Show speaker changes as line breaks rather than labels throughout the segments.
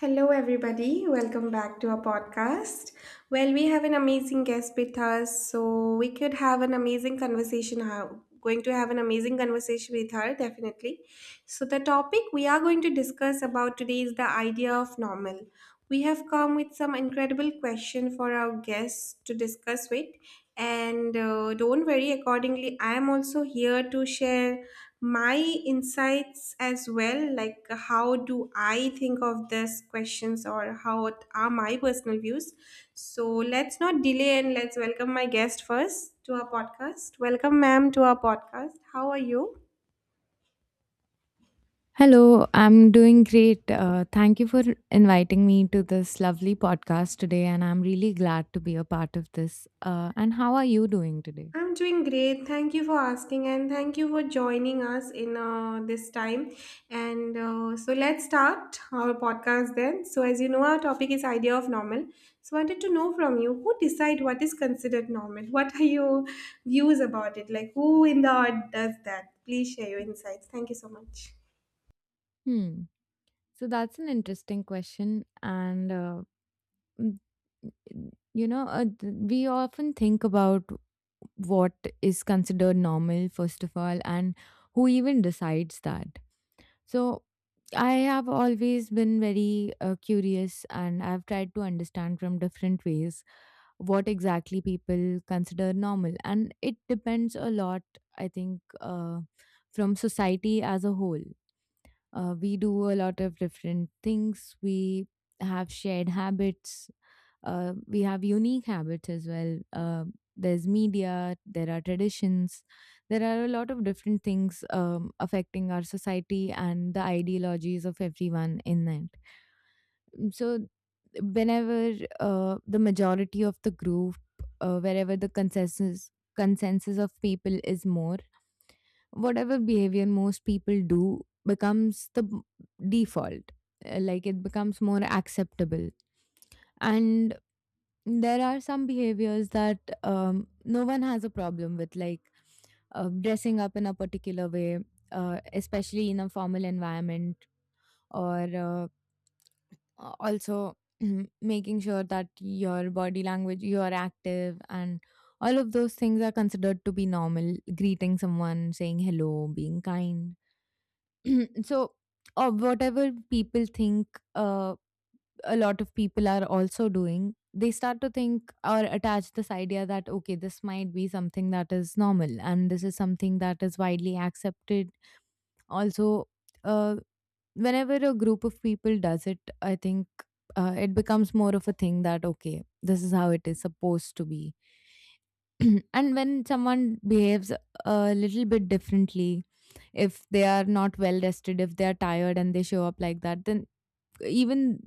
Hello, everybody. Welcome back to our podcast. Well, we have an amazing guest with us, so we could have an amazing conversation. How going to have an amazing conversation with her, definitely. So, the topic we are going to discuss about today is the idea of normal. We have come with some incredible question for our guests to discuss with, and don't worry. Accordingly, I am also here to share my insights as well, like how do I think of this questions or are my personal views. So let's not delay and let's welcome my guest first to our podcast. Welcome, ma'am, to our podcast. How are you?
Hello, I'm doing great. Thank you for inviting me to this lovely podcast today, and I'm really glad to be a part of this. And how are you doing today?
I'm doing great. Thank you for asking and thank you for joining us in this time. And so let's start our podcast then. So as you know, our topic is idea of normal. So I wanted to know from you, who decide what is considered normal? What are your views about it? Like who in the art does that? Please share your insights. Thank you so much.
Hmm. So that's an interesting question, and mm, we often think about what is considered normal first of all, and who even decides that. So I have always been very curious, and I've tried to understand from different ways what exactly people consider normal, and it depends a lot, I think, from society as a whole. We do a lot of different things. We have shared habits, we have unique habits as well. There's media, there are traditions, there are a lot of different things affecting our society and the ideologies of everyone in it. So whenever the majority of the group, wherever the consensus of people is more, whatever behavior most people do becomes the default. Like it becomes more acceptable. And there are some behaviors that no one has a problem with, like dressing up in a particular way, especially in a formal environment, or uh, also making sure that your body language, you are active, and all of those things are considered to be normal. Greeting someone, saying hello, being kind. So, or whatever people think, uh, a lot of people are also doing, they start to think or attach this idea that okay, this might be something that is normal and this is something that is widely accepted. Also, uh, whenever a group of people does it, I think, it becomes more of a thing that okay, this is how it is supposed to be. And when someone behaves a little bit differently, if they are not well rested, if they are tired and they show up like that, then even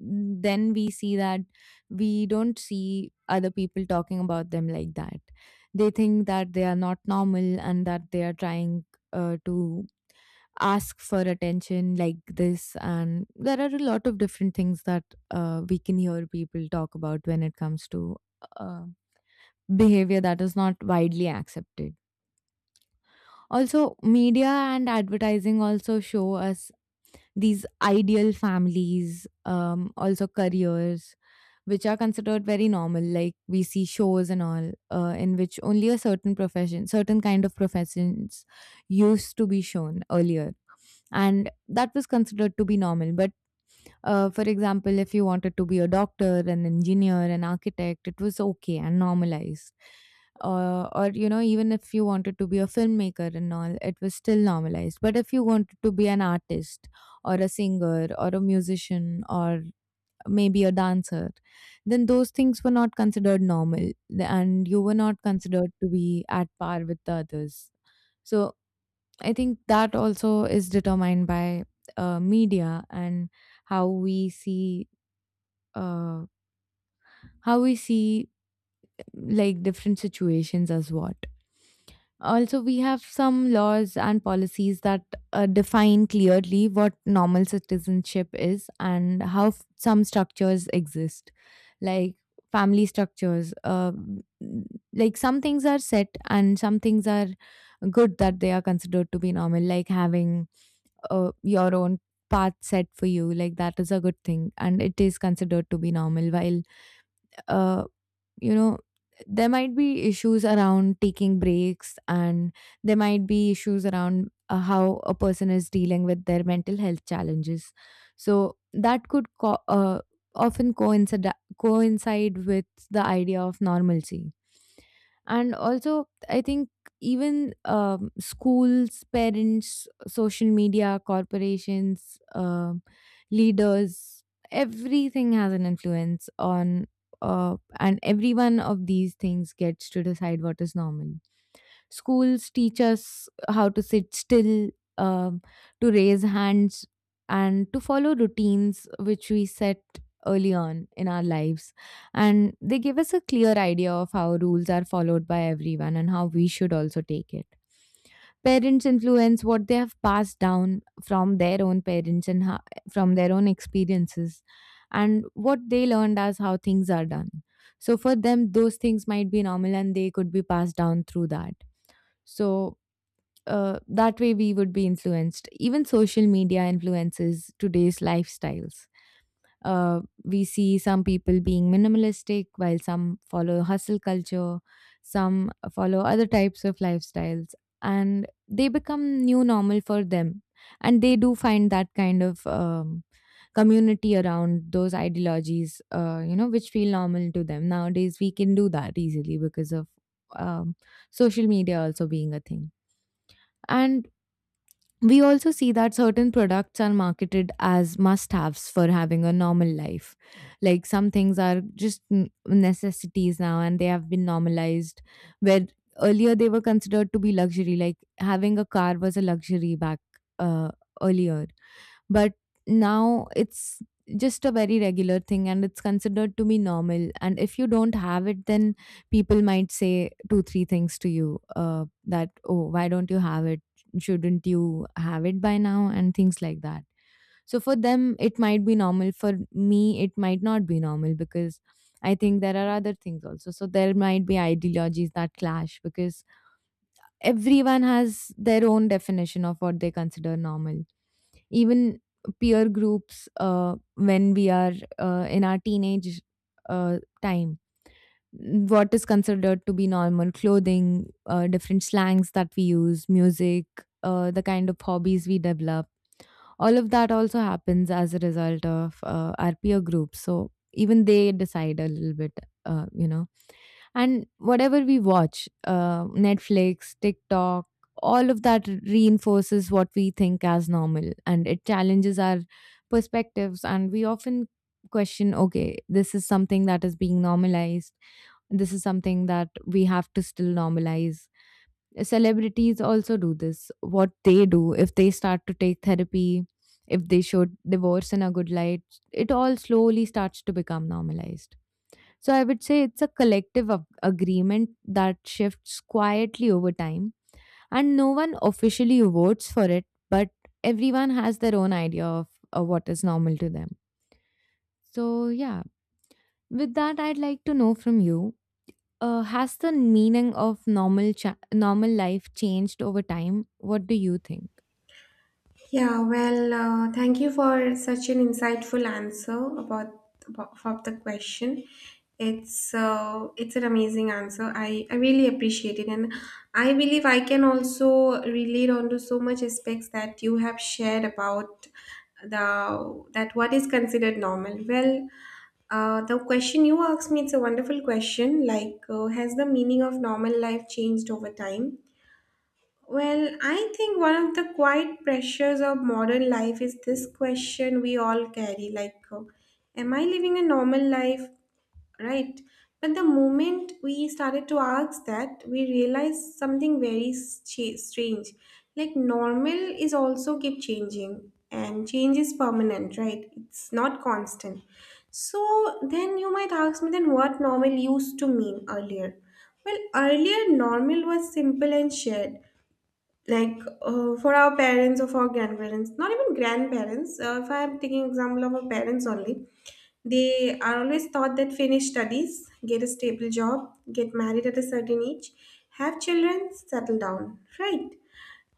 then we see that, we don't see other people talking about them like that. They think that they are not normal and that they are trying to ask for attention like this. And there are a lot of different things that we can hear people talk about when it comes to uh, behavior that is not widely accepted. Also, media and advertising also show us these ideal families, also careers which are considered very normal. Like, we see shows and all, in which only a certain profession, certain kind of professions used to be shown earlier. And that was considered to be normal. But for example, if you wanted to be a doctor, an engineer, an architect, it was okay and normalized. Or, you know, even if you wanted to be a filmmaker and all, it was still normalized. But if you wanted to be an artist or a singer or a musician or maybe a dancer, then those things were not considered normal, and you were not considered to be at par with the others. So I think that also is determined by media and how we see uh, how we see like different situations as what. Also, we have some laws and policies that define clearly what normal citizenship is, and how some structures exist, like family structures. Like some things are set and some things are good that they are considered to be normal, like having your own path set for you, like that is a good thing and it is considered to be normal. While, uh, you know, there might be issues around taking breaks, and there might be issues around how a person is dealing with their mental health challenges. So that could often coincide with the idea of normalcy. And also I think even, schools, parents, social media, corporations, um, leaders, everything has an influence on, and every one of these things gets to decide what is normal. Schools teach us how to sit still, um, to raise hands, and to follow routines which we set early on in our lives, and they give us a clear idea of how rules are followed by everyone and how we should also take it. Parents influence what they have passed down from their own parents and from their own experiences, and what they learned as how things are done. So for them, those things might be normal and they could be passed down through that. So that way we would be influenced. Even social media influences today's lifestyles. We see some people being minimalistic, while some follow hustle culture, some follow other types of lifestyles, and they become new normal for them. And they do find that kind of, community around those ideologies, you know, which feel normal to them. Nowadays, we can do that easily because of, um, social media also being a thing. And we also see that certain products are marketed as must haves for having a normal life. Like, some things are just necessities now and they have been normalized, where earlier they were considered to be luxury. Like, having a car was a luxury back uh, earlier. But now it's just a very regular thing and it's considered to be normal. And if you don't have it, then people might say two, three things to you, that, oh, why don't you have it? Shouldn't you have it by now? And things like that. So for them, it might be normal. For me, it might not be normal because I think there are other things also. So there might be ideologies that clash, because everyone has their own definition of what they consider normal. Even peer groups, when we are in our teenage time, what is considered to be normal clothing, different slangs that we use, music, the kind of hobbies we develop, all of that also happens as a result of our peer groups. So even they decide a little bit, you know. And whatever we watch, Netflix, TikTok, all of that reinforces what we think as normal, and it challenges our perspectives. And we often question, okay, this is something that is being normalized, this is something that we have to still normalize. Celebrities also do this. What they do, if they start to take therapy, if they show divorce in a good light, it all slowly starts to become normalized. So I would say it's a collective agreement that shifts quietly over time, and no one officially votes for it, but everyone has their own idea of what is normal to them. So, yeah, with that, I'd like to know from you. Has the meaning of normal normal life changed over time? What do you think?
Yeah, well, thank you for such an insightful answer about the question. It's an amazing answer. I really appreciate it, and I believe I can also relate onto so much aspects that you have shared about the that what is considered normal. Well, the question you asked me, it's a wonderful question. Like, has the meaning of normal life changed over time? Well, I think one of the quiet pressures of modern life is this question we all carry, like, am I living a normal life? Right. But the moment we started to ask that, we realized something very strange. Like, normal is also keep changing, and change is permanent, right? It's not constant. So, then you might ask me, then what normal used to mean earlier? Well, earlier, normal was simple and shared, like for our parents or for our grandparents, not even grandparents. If I'm taking example of our parents only, they are always thought that finish studies, get a stable job, get married at a certain age, have children, settle down, right?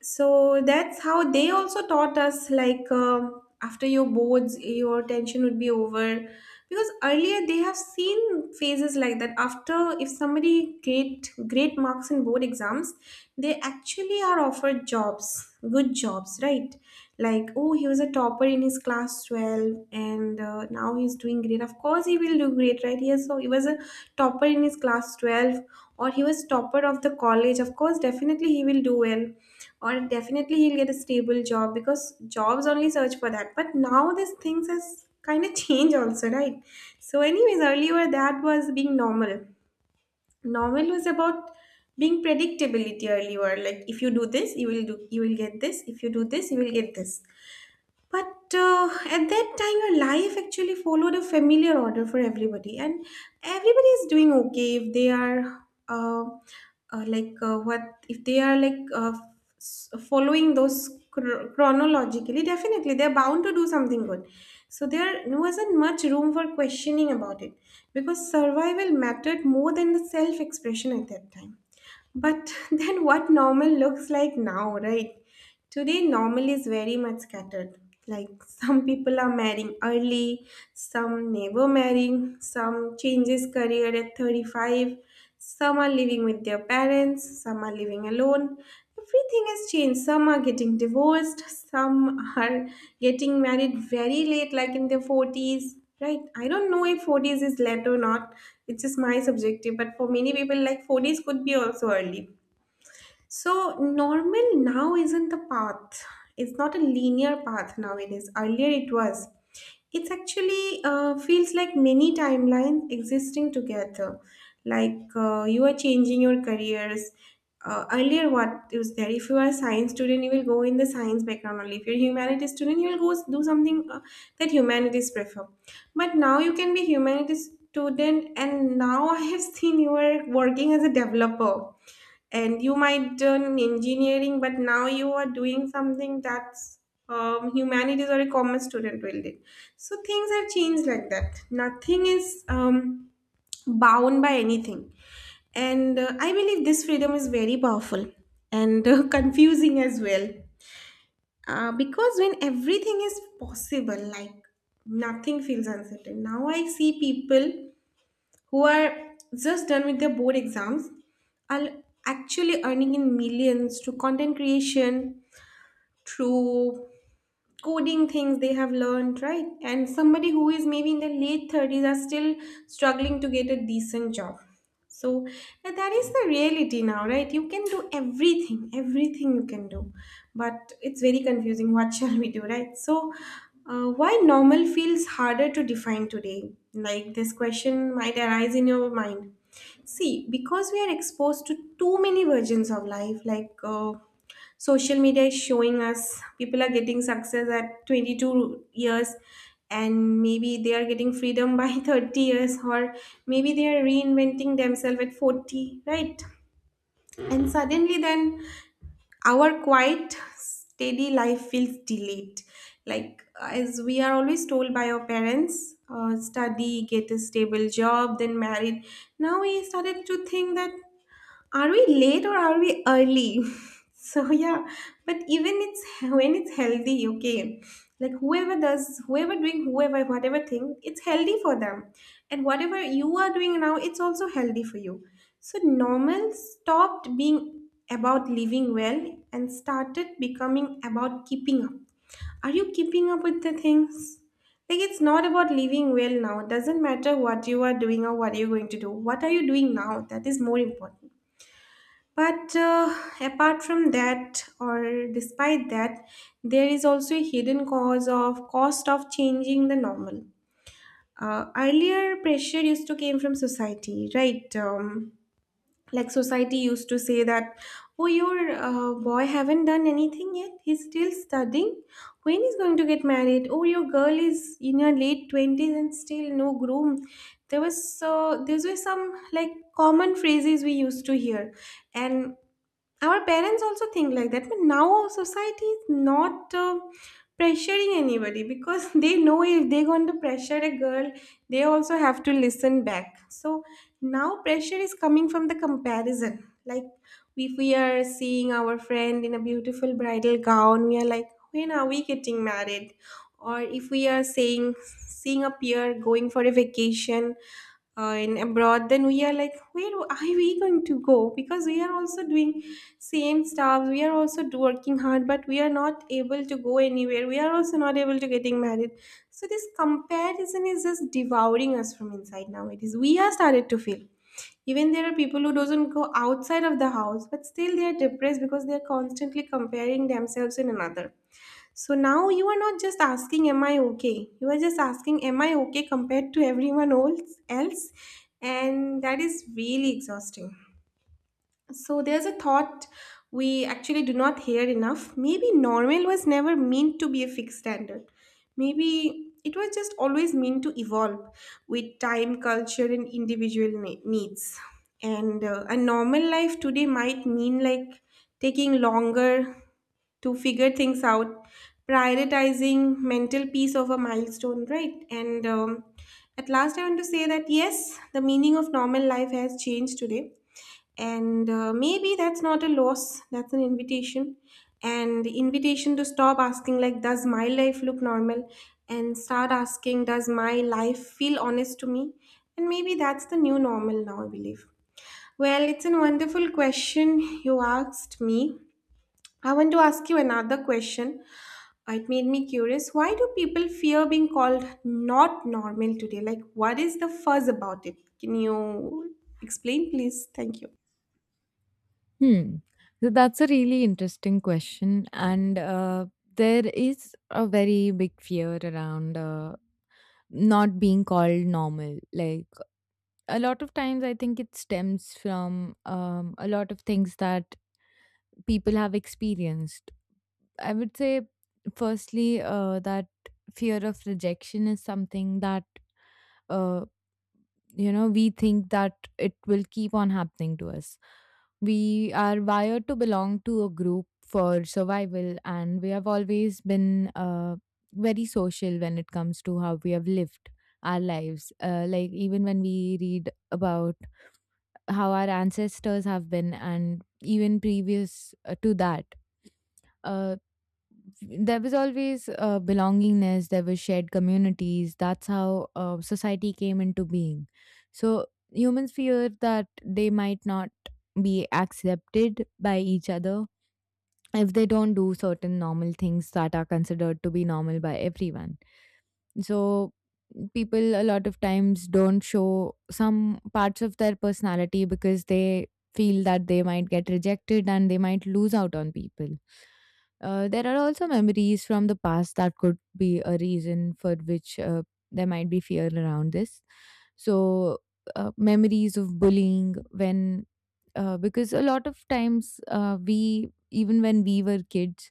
So that's how they also taught us, like, after your boards your tension would be over, because earlier they have seen phases like that. After, if somebody great marks in board exams, they actually are offered jobs, good jobs, right? Like, oh, he was a topper in his class 12, and now he's doing great. Of course he will do great, right? Yes, so he was a topper in his class 12, or he was topper of the college. Of course, definitely he will do well, or definitely he'll get a stable job, because jobs only search for that. But now these things has kind of changed also, right? So anyways, earlier that was being normal. Normal was about being predictability earlier, like if you do this you will do, you will get this. If you do this, you will get this. But at that time, your life actually followed a familiar order for everybody, and everybody is doing okay if they are uh, like what if they are like s- following those chronologically. Definitely, they're bound to do something good. So there wasn't much room for questioning about it, because survival mattered more than the self-expression at that time. But then what normal looks like now, right? Today, normal is very much scattered. Like, some people are marrying early, some never marrying, some changes career at 35, some are living with their parents, some are living alone. Everything has changed. Some are getting divorced, some are getting married very late, like in their 40s. Right? I don't know if 40s is late or not. It's just my subjective, but for many people, like 40s could be also early. So normal now isn't the path. It's not a linear path now. It is earlier it was. It's actually feels like many timelines existing together. Like, you are changing your careers. Earlier, what is there? If you are a science student, you will go in the science background only. If you're a humanities student, you will go do something that humanities prefer. But now you can be humanities student, and now I have seen you are working as a developer and you might turn engineering, but now you are doing something that's humanities or a commerce student will do. So things have changed like that. Nothing is bound by anything, and I believe this freedom is very powerful and confusing as well, because when everything is possible, like nothing feels uncertain. Now I see people who are just done with their board exams are actually earning in millions through content creation, through coding things they have learned, right? And somebody who is maybe in their late 30s are still struggling to get a decent job. So, and that is the reality now, right? You can do everything, everything you can do, but it's very confusing. What shall we do, right? So, why normal feels harder to define today? Like this question might arise in your mind. See, because we are exposed to too many versions of life, like social media is showing us people are getting success at 22 years, and maybe they are getting freedom by 30 years, or maybe they are reinventing themselves at 40, right? And suddenly, then our quiet steady life feels delayed, like as we are always told by our parents, study, get a stable job, then married. Now we started to think that, are we late or are we early? So yeah, but even it's when it's healthy, okay, like whoever does, whoever doing, whoever whatever thing, it's healthy for them, and whatever you are doing now, it's also healthy for you. So normal stopped being about living well and started becoming about keeping up. Are you keeping up with the things? Like, it's not about living well now. It doesn't matter what you are doing or what you're going to do. What are you doing now, that is more important. But apart from that, or despite that, there is also a hidden cause of cost of changing the normal. Earlier, pressure used to came from society, right? Like society used to say that, oh, your boy haven't done anything yet. He's still studying. When he's going to get married? Oh, your girl is in her late 20s and still no groom. There was, so there were some like common phrases we used to hear, and our parents also think like that. But now our society is not pressuring anybody, because they know if they're going to pressure a girl, they also have to listen back. So now pressure is coming from the comparison. Like, if we are seeing our friend in a beautiful bridal gown, we are like, when are we getting married? Or if we are saying, seeing a peer going for a vacation in abroad, then we are like, where are we going to go? Because we are also doing same stuff, we are also working hard, but we are not able to go anywhere, we are also not able to getting married. So this comparison is just devouring us from inside now. It is, we are started to feel, even there are people who doesn't go outside of the house, but still they are depressed because they are constantly comparing themselves in another. So now you are not just asking, am I okay? You are just asking, am I okay compared to everyone else? And that is really exhausting. So there's a thought we actually do not hear enough. Maybe normal was never meant to be a fixed standard. Maybe it was just always meant to evolve with time, culture, and individual needs. And a normal life today might mean like taking longer to figure things out, prioritizing mental peace over milestone, right? And at last, I want to say that yes, the meaning of normal life has changed today, and maybe that's not a loss, that's an invitation, and the invitation to stop asking like, does my life look normal, and start asking, does my life feel honest to me. And maybe that's the new normal now, I believe. Well, it's a wonderful question you asked me. I want to ask you another question. It made me curious, why do people fear being called not normal today? Like, what is the fuzz about it? Can you explain, please? Thank you.
Hmm. So that's a really interesting question, and there is a very big fear around. Not being called normal, like, a lot of times I think it stems from, a lot of things that people have experienced. I would say firstly, that fear of rejection is something that, uh, you know, we think that it will keep on happening to us. We are wired to belong to a group for survival, and we have always been very social when it comes to how we have lived our lives. Like, even when we read about how our ancestors have been, and even previous to that, uh, there was always belongingness, there were shared communities. That's how society came into being. So humans fear that they might not be accepted by each other if they don't do certain normal things that are considered to be normal by everyone. So people a lot of times don't show some parts of their personality because they feel that they might get rejected and they might lose out on people. Uh, there are also memories from the past that could be a reason for which there might be fear around this. So memories of bullying, when because a lot of times, we, even when we were kids,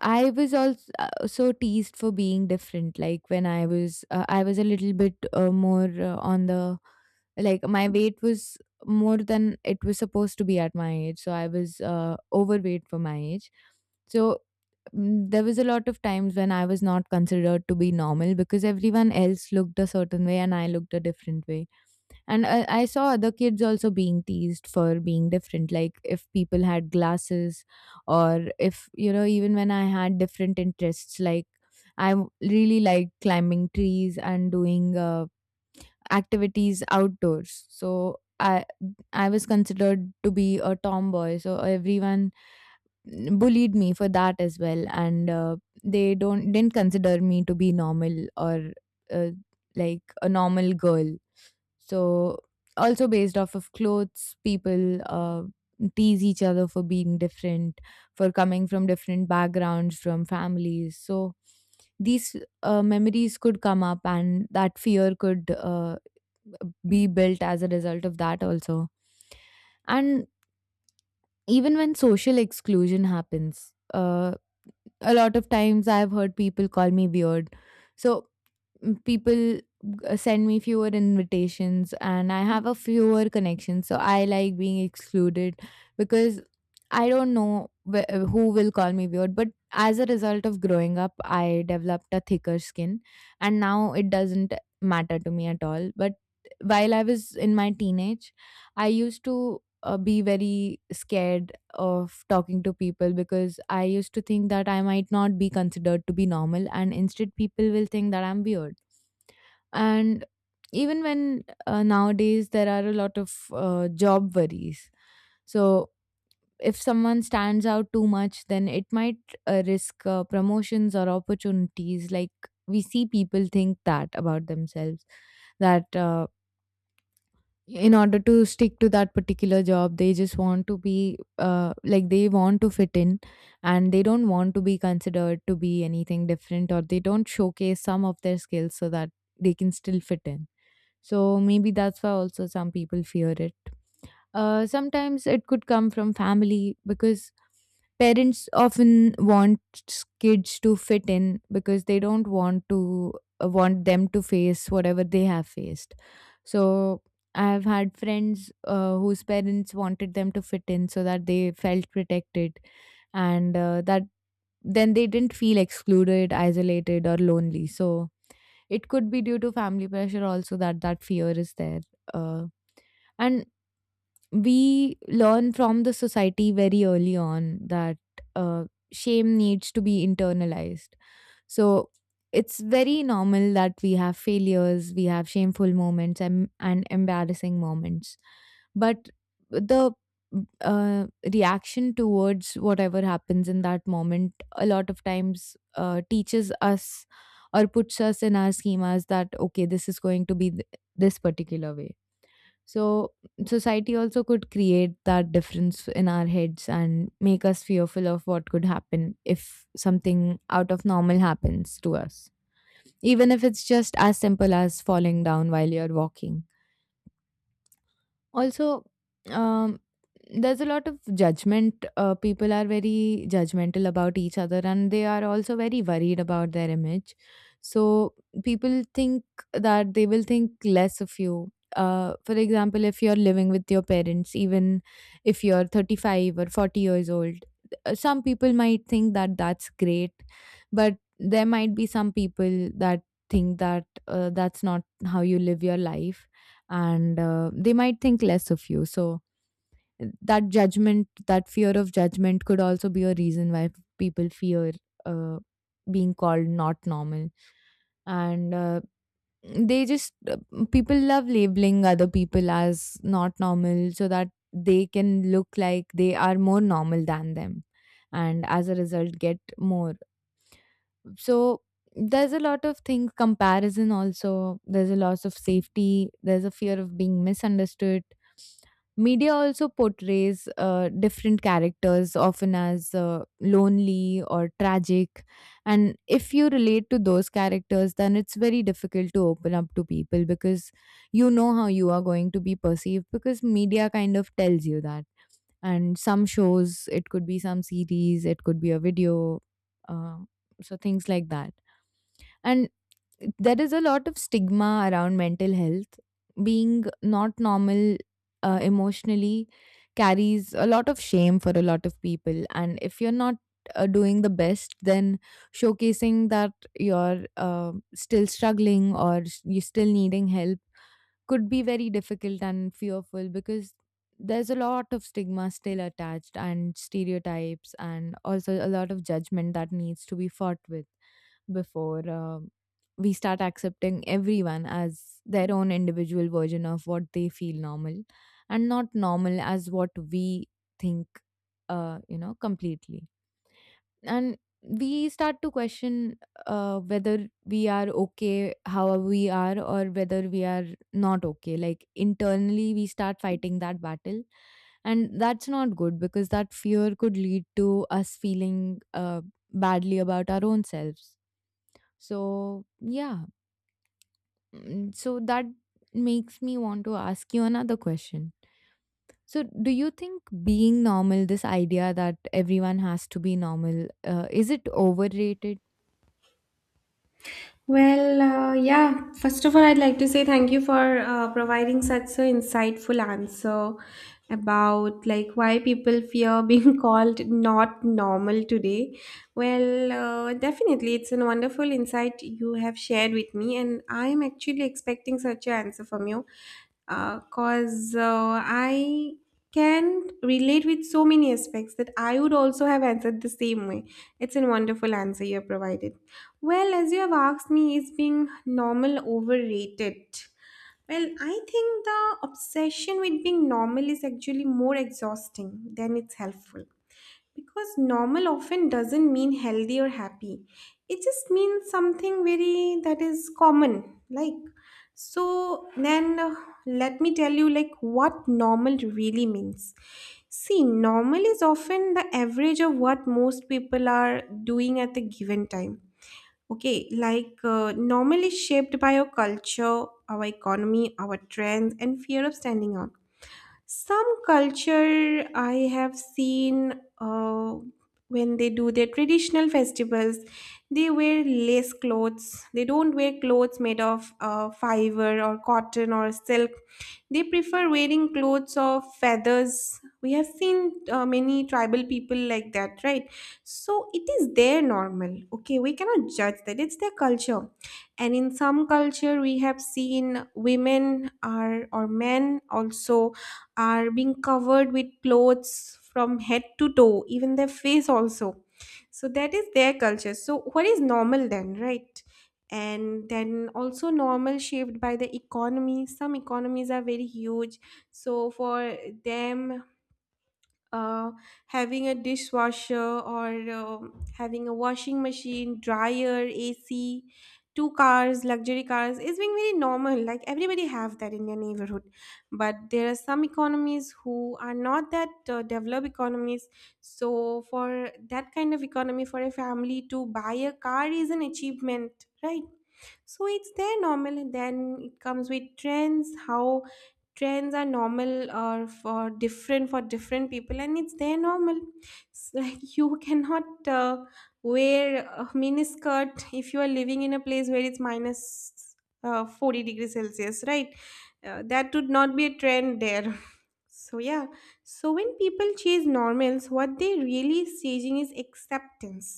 I was also so teased for being different. Like when I was a little bit more on the, like, my weight was more than it was supposed to be at my age. So I was overweight for my age. So there was a lot of times when I was not considered to be normal because everyone else looked a certain way and I looked a different way. And I saw other kids also being teased for being different, like if people had glasses, or if, you know, even when I had different interests, like I really like climbing trees and doing activities outdoors. So I was considered to be a tomboy. So everyone bullied me for that as well, and they don't didn't consider me to be normal or uh, like a normal girl. So also based off of clothes, people tease each other for being different, for coming from different backgrounds, from families. So these memories could come up and that fear could be built as a result of that also. And even when social exclusion happens, a lot of times I've heard people call me weird. So people send me fewer invitations and I have a fewer connections. So I like being excluded because I don't know who will call me weird. But as a result of growing up, I developed a thicker skin and now it doesn't matter to me at all. But while I was in my teenage, I used to be very scared of talking to people because I used to think that I might not be considered to be normal, and instead, people will think that I'm weird. And even when nowadays there are a lot of job worries, so if someone stands out too much, then it might risk promotions or opportunities. Like we see people think that about themselves, that in order to stick to that particular job, they just want to be like they want to fit in, and they don't want to be considered to be anything different, or they don't showcase some of their skills so that they can still fit in. So maybe that's why also some people fear it. Sometimes it could come from family because parents often want kids to fit in because they don't want to want them to face whatever they have faced. So I've had friends whose parents wanted them to fit in so that they felt protected, and that then they didn't feel excluded, isolated, or lonely. So it could be due to family pressure also that that fear is there. Uh, and we learn from the society very early on that uh, shame needs to be internalized. So it's very normal that we have failures, we have shameful moments and embarrassing moments. But the uh, reaction towards whatever happens in that moment a lot of times teaches us or puts us in our schemas that, okay, this is going to be this particular way. So society also could create that difference in our heads and make us fearful of what could happen if something out of normal happens to us. Even if it's just as simple as falling down while you're walking. Also, um, there's a lot of judgment. People are very judgmental about each other and they are also very worried about their image. So people think that they will think less of you. For example, if you're living with your parents, even if you're 35 or 40 years old, some people might think that that's great, but there might be some people that think that that's not how you live your life, and they might think less of you. So that judgment, that fear of judgment, could also be a reason why people fear uh, being called not normal. And they just People love labeling other people as not normal so that they can look like they are more normal than them, and as a result, get more. So there's a lot of things, comparison. Also, there's a loss of safety, there's a fear of being misunderstood. Media also portrays different characters often as lonely or tragic, and if you relate to those characters, then it's very difficult to open up to people because you know how you are going to be perceived, because media kind of tells you that. And some shows, it could be some series, it could be a video, uh, so things like that. And there is a lot of stigma around mental health. Being not normal emotionally carries a lot of shame for a lot of people, and if you're not doing the best, then showcasing that you're still struggling or you're still needing help could be very difficult and fearful, because there's a lot of stigma still attached, and stereotypes, and also a lot of judgment that needs to be fought with before we start accepting everyone as their own individual version of what they feel normal, and not normal as what we think, completely. And we start to question whether we are okay how we are, or whether we are not okay, like internally we start fighting that battle. And that's not good, because that fear could lead to us feeling badly about our own selves. So yeah. So that makes me want to ask you another question. So do you think being normal, this idea that everyone has to be normal, is it overrated?
Well, yeah, first of all, I'd like to say thank you for providing such an insightful answer about like why people fear being called not normal today. Well, definitely, it's a wonderful insight you have shared with me, and I'm actually expecting such an answer from you because I can relate with so many aspects that I would also have answered the same way. It's a wonderful answer you have provided. Well, as you have asked me, is being normal overrated? Well, I think the obsession with being normal is actually more exhausting than it's helpful. Because normal often doesn't mean healthy or happy. It just means something very that is common. Like, so then let me tell you, like, what normal really means. See, normal is often the average of what most people are doing at the given time. Okay, like, normal is shaped by our culture, our economy, our trends, and fear of standing out. Some culture I have seen, when they do their traditional festivals, they wear lace clothes. They don't wear clothes made of fiber or cotton or silk. They prefer wearing clothes of feathers. We have seen many tribal people like that, right? So it is their normal. Okay, we cannot judge that. It's their culture. And in some culture, we have seen women are, or men also are being covered with clothes from head to toe, even their face also. So that is their culture. So what is normal then, right? And then also normal shaped by the economy. Some economies are very huge. So for them, uh, having a dishwasher or having a washing machine, dryer, AC, two cars, luxury cars is being very normal. Like everybody have that in their neighborhood, but there are some economies who are not that developed economies. So for that kind of economy, for a family to buy a car is an achievement, right? So it's their normal. And then it comes with trends. How trends are normal or for different, for different people, and it's their normal. It's like you cannot wear a miniskirt if you are living in a place where it's minus 40 degrees celsius, right? That would not be a trend there. So yeah, so when people chase normals, what they really chasing is acceptance,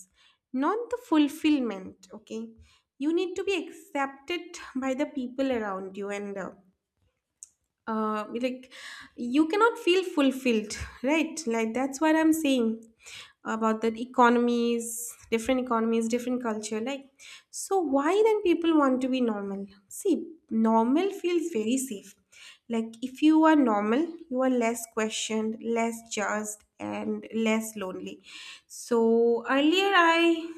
not the fulfillment. Okay, you need to be accepted by the people around you, and like you cannot feel fulfilled, right? Like that's what I'm saying about that, economies, different economies, different culture. Like, so why then people want to be normal? See, normal feels very safe. Like if you are normal, you are less questioned, less judged, and less lonely. So earlier, I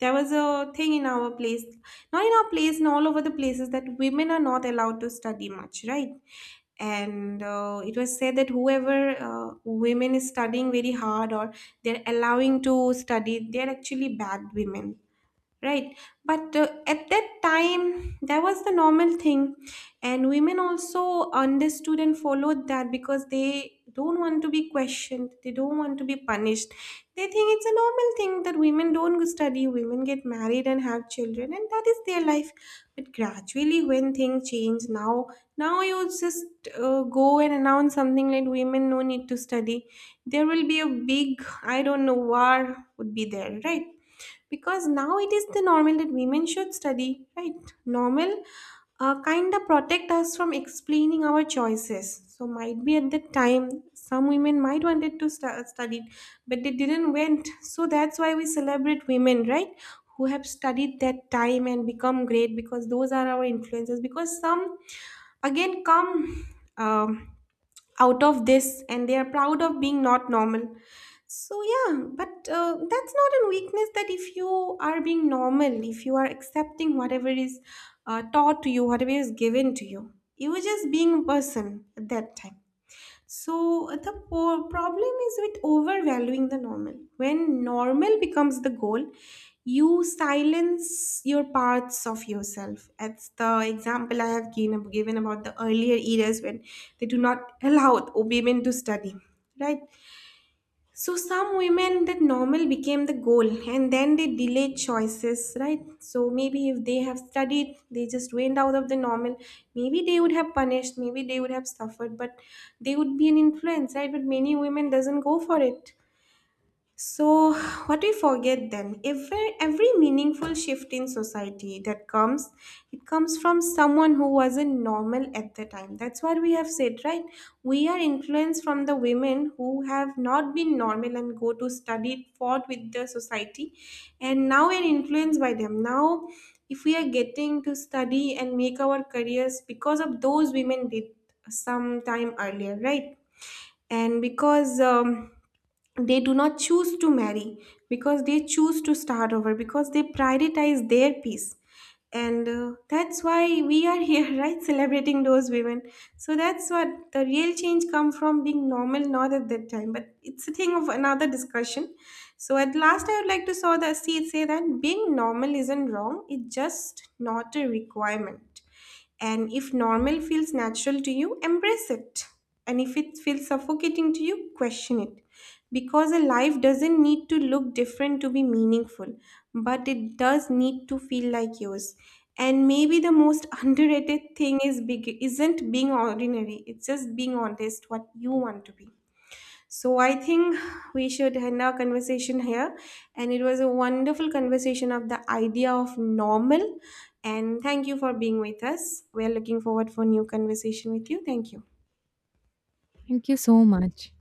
there was a thing in our place, not in our place, and all over the places, that women are not allowed to study much, right? And it was said that whoever, women is studying very hard, or they're allowing to study, they're actually bad women. Right. But at that time, that was the normal thing. And women also understood and followed that because they don't want to be questioned. They don't want to be punished. They think it's a normal thing that women don't study, women get married and have children, and that is their life. But gradually, when things change, now, now you just go and announce something like women no need to study. There will be a big, I don't know, war would be there, right? Because now it is the normal that women should study, right? Normal kind of protect us from explaining our choices. So might be at that time some women might wanted to study, but they didn't went. So that's why we celebrate women, right? Who have studied that time and become great, because those are our influences. Because some again come um, out of this, and they are proud of being not normal. So yeah, but that's not a weakness, that if you are being normal, if you are accepting whatever is taught to you, whatever is given to you, you are just being a person at that time. So the problem is with overvaluing the normal. When normal becomes the goal, you silence your parts of yourself. That's the example I have given about the earlier eras when they do not allow women to study, right? So some women, that normal became the goal, and then they delayed choices, right? So maybe if they have studied, they just went out of the normal, maybe they would have punished, maybe they would have suffered, but they would be an influence, right? But many women doesn't go for it. So, what we forget then, every meaningful shift in society that comes, it comes from someone who wasn't normal at the time. That's what we have said, right? We are influenced from the women who have not been normal and go to study, fought with the society, and now we're influenced by them. Now, if we are getting to study and make our careers because of those women did some time earlier, right? And because they do not choose to marry, because they choose to start over, because they prioritize their peace, and that's why we are here right, celebrating those women. So that's what the real change come from, being normal, not at that time, but it's a thing of another discussion. So at last, I would like to saw the see, it say that being normal isn't wrong, it's just not a requirement. And if normal feels natural to you, embrace it. And if it feels suffocating to you, question it. Because a life doesn't need to look different to be meaningful, but it does need to feel like yours. And maybe the most underrated thing is big isn't being ordinary, it's just being honest what you want to be. So I think we should end our conversation here. And it was a wonderful conversation of the idea of normal. And thank you for being with us. We are looking forward for new conversation with you. Thank you.
Thank you so much.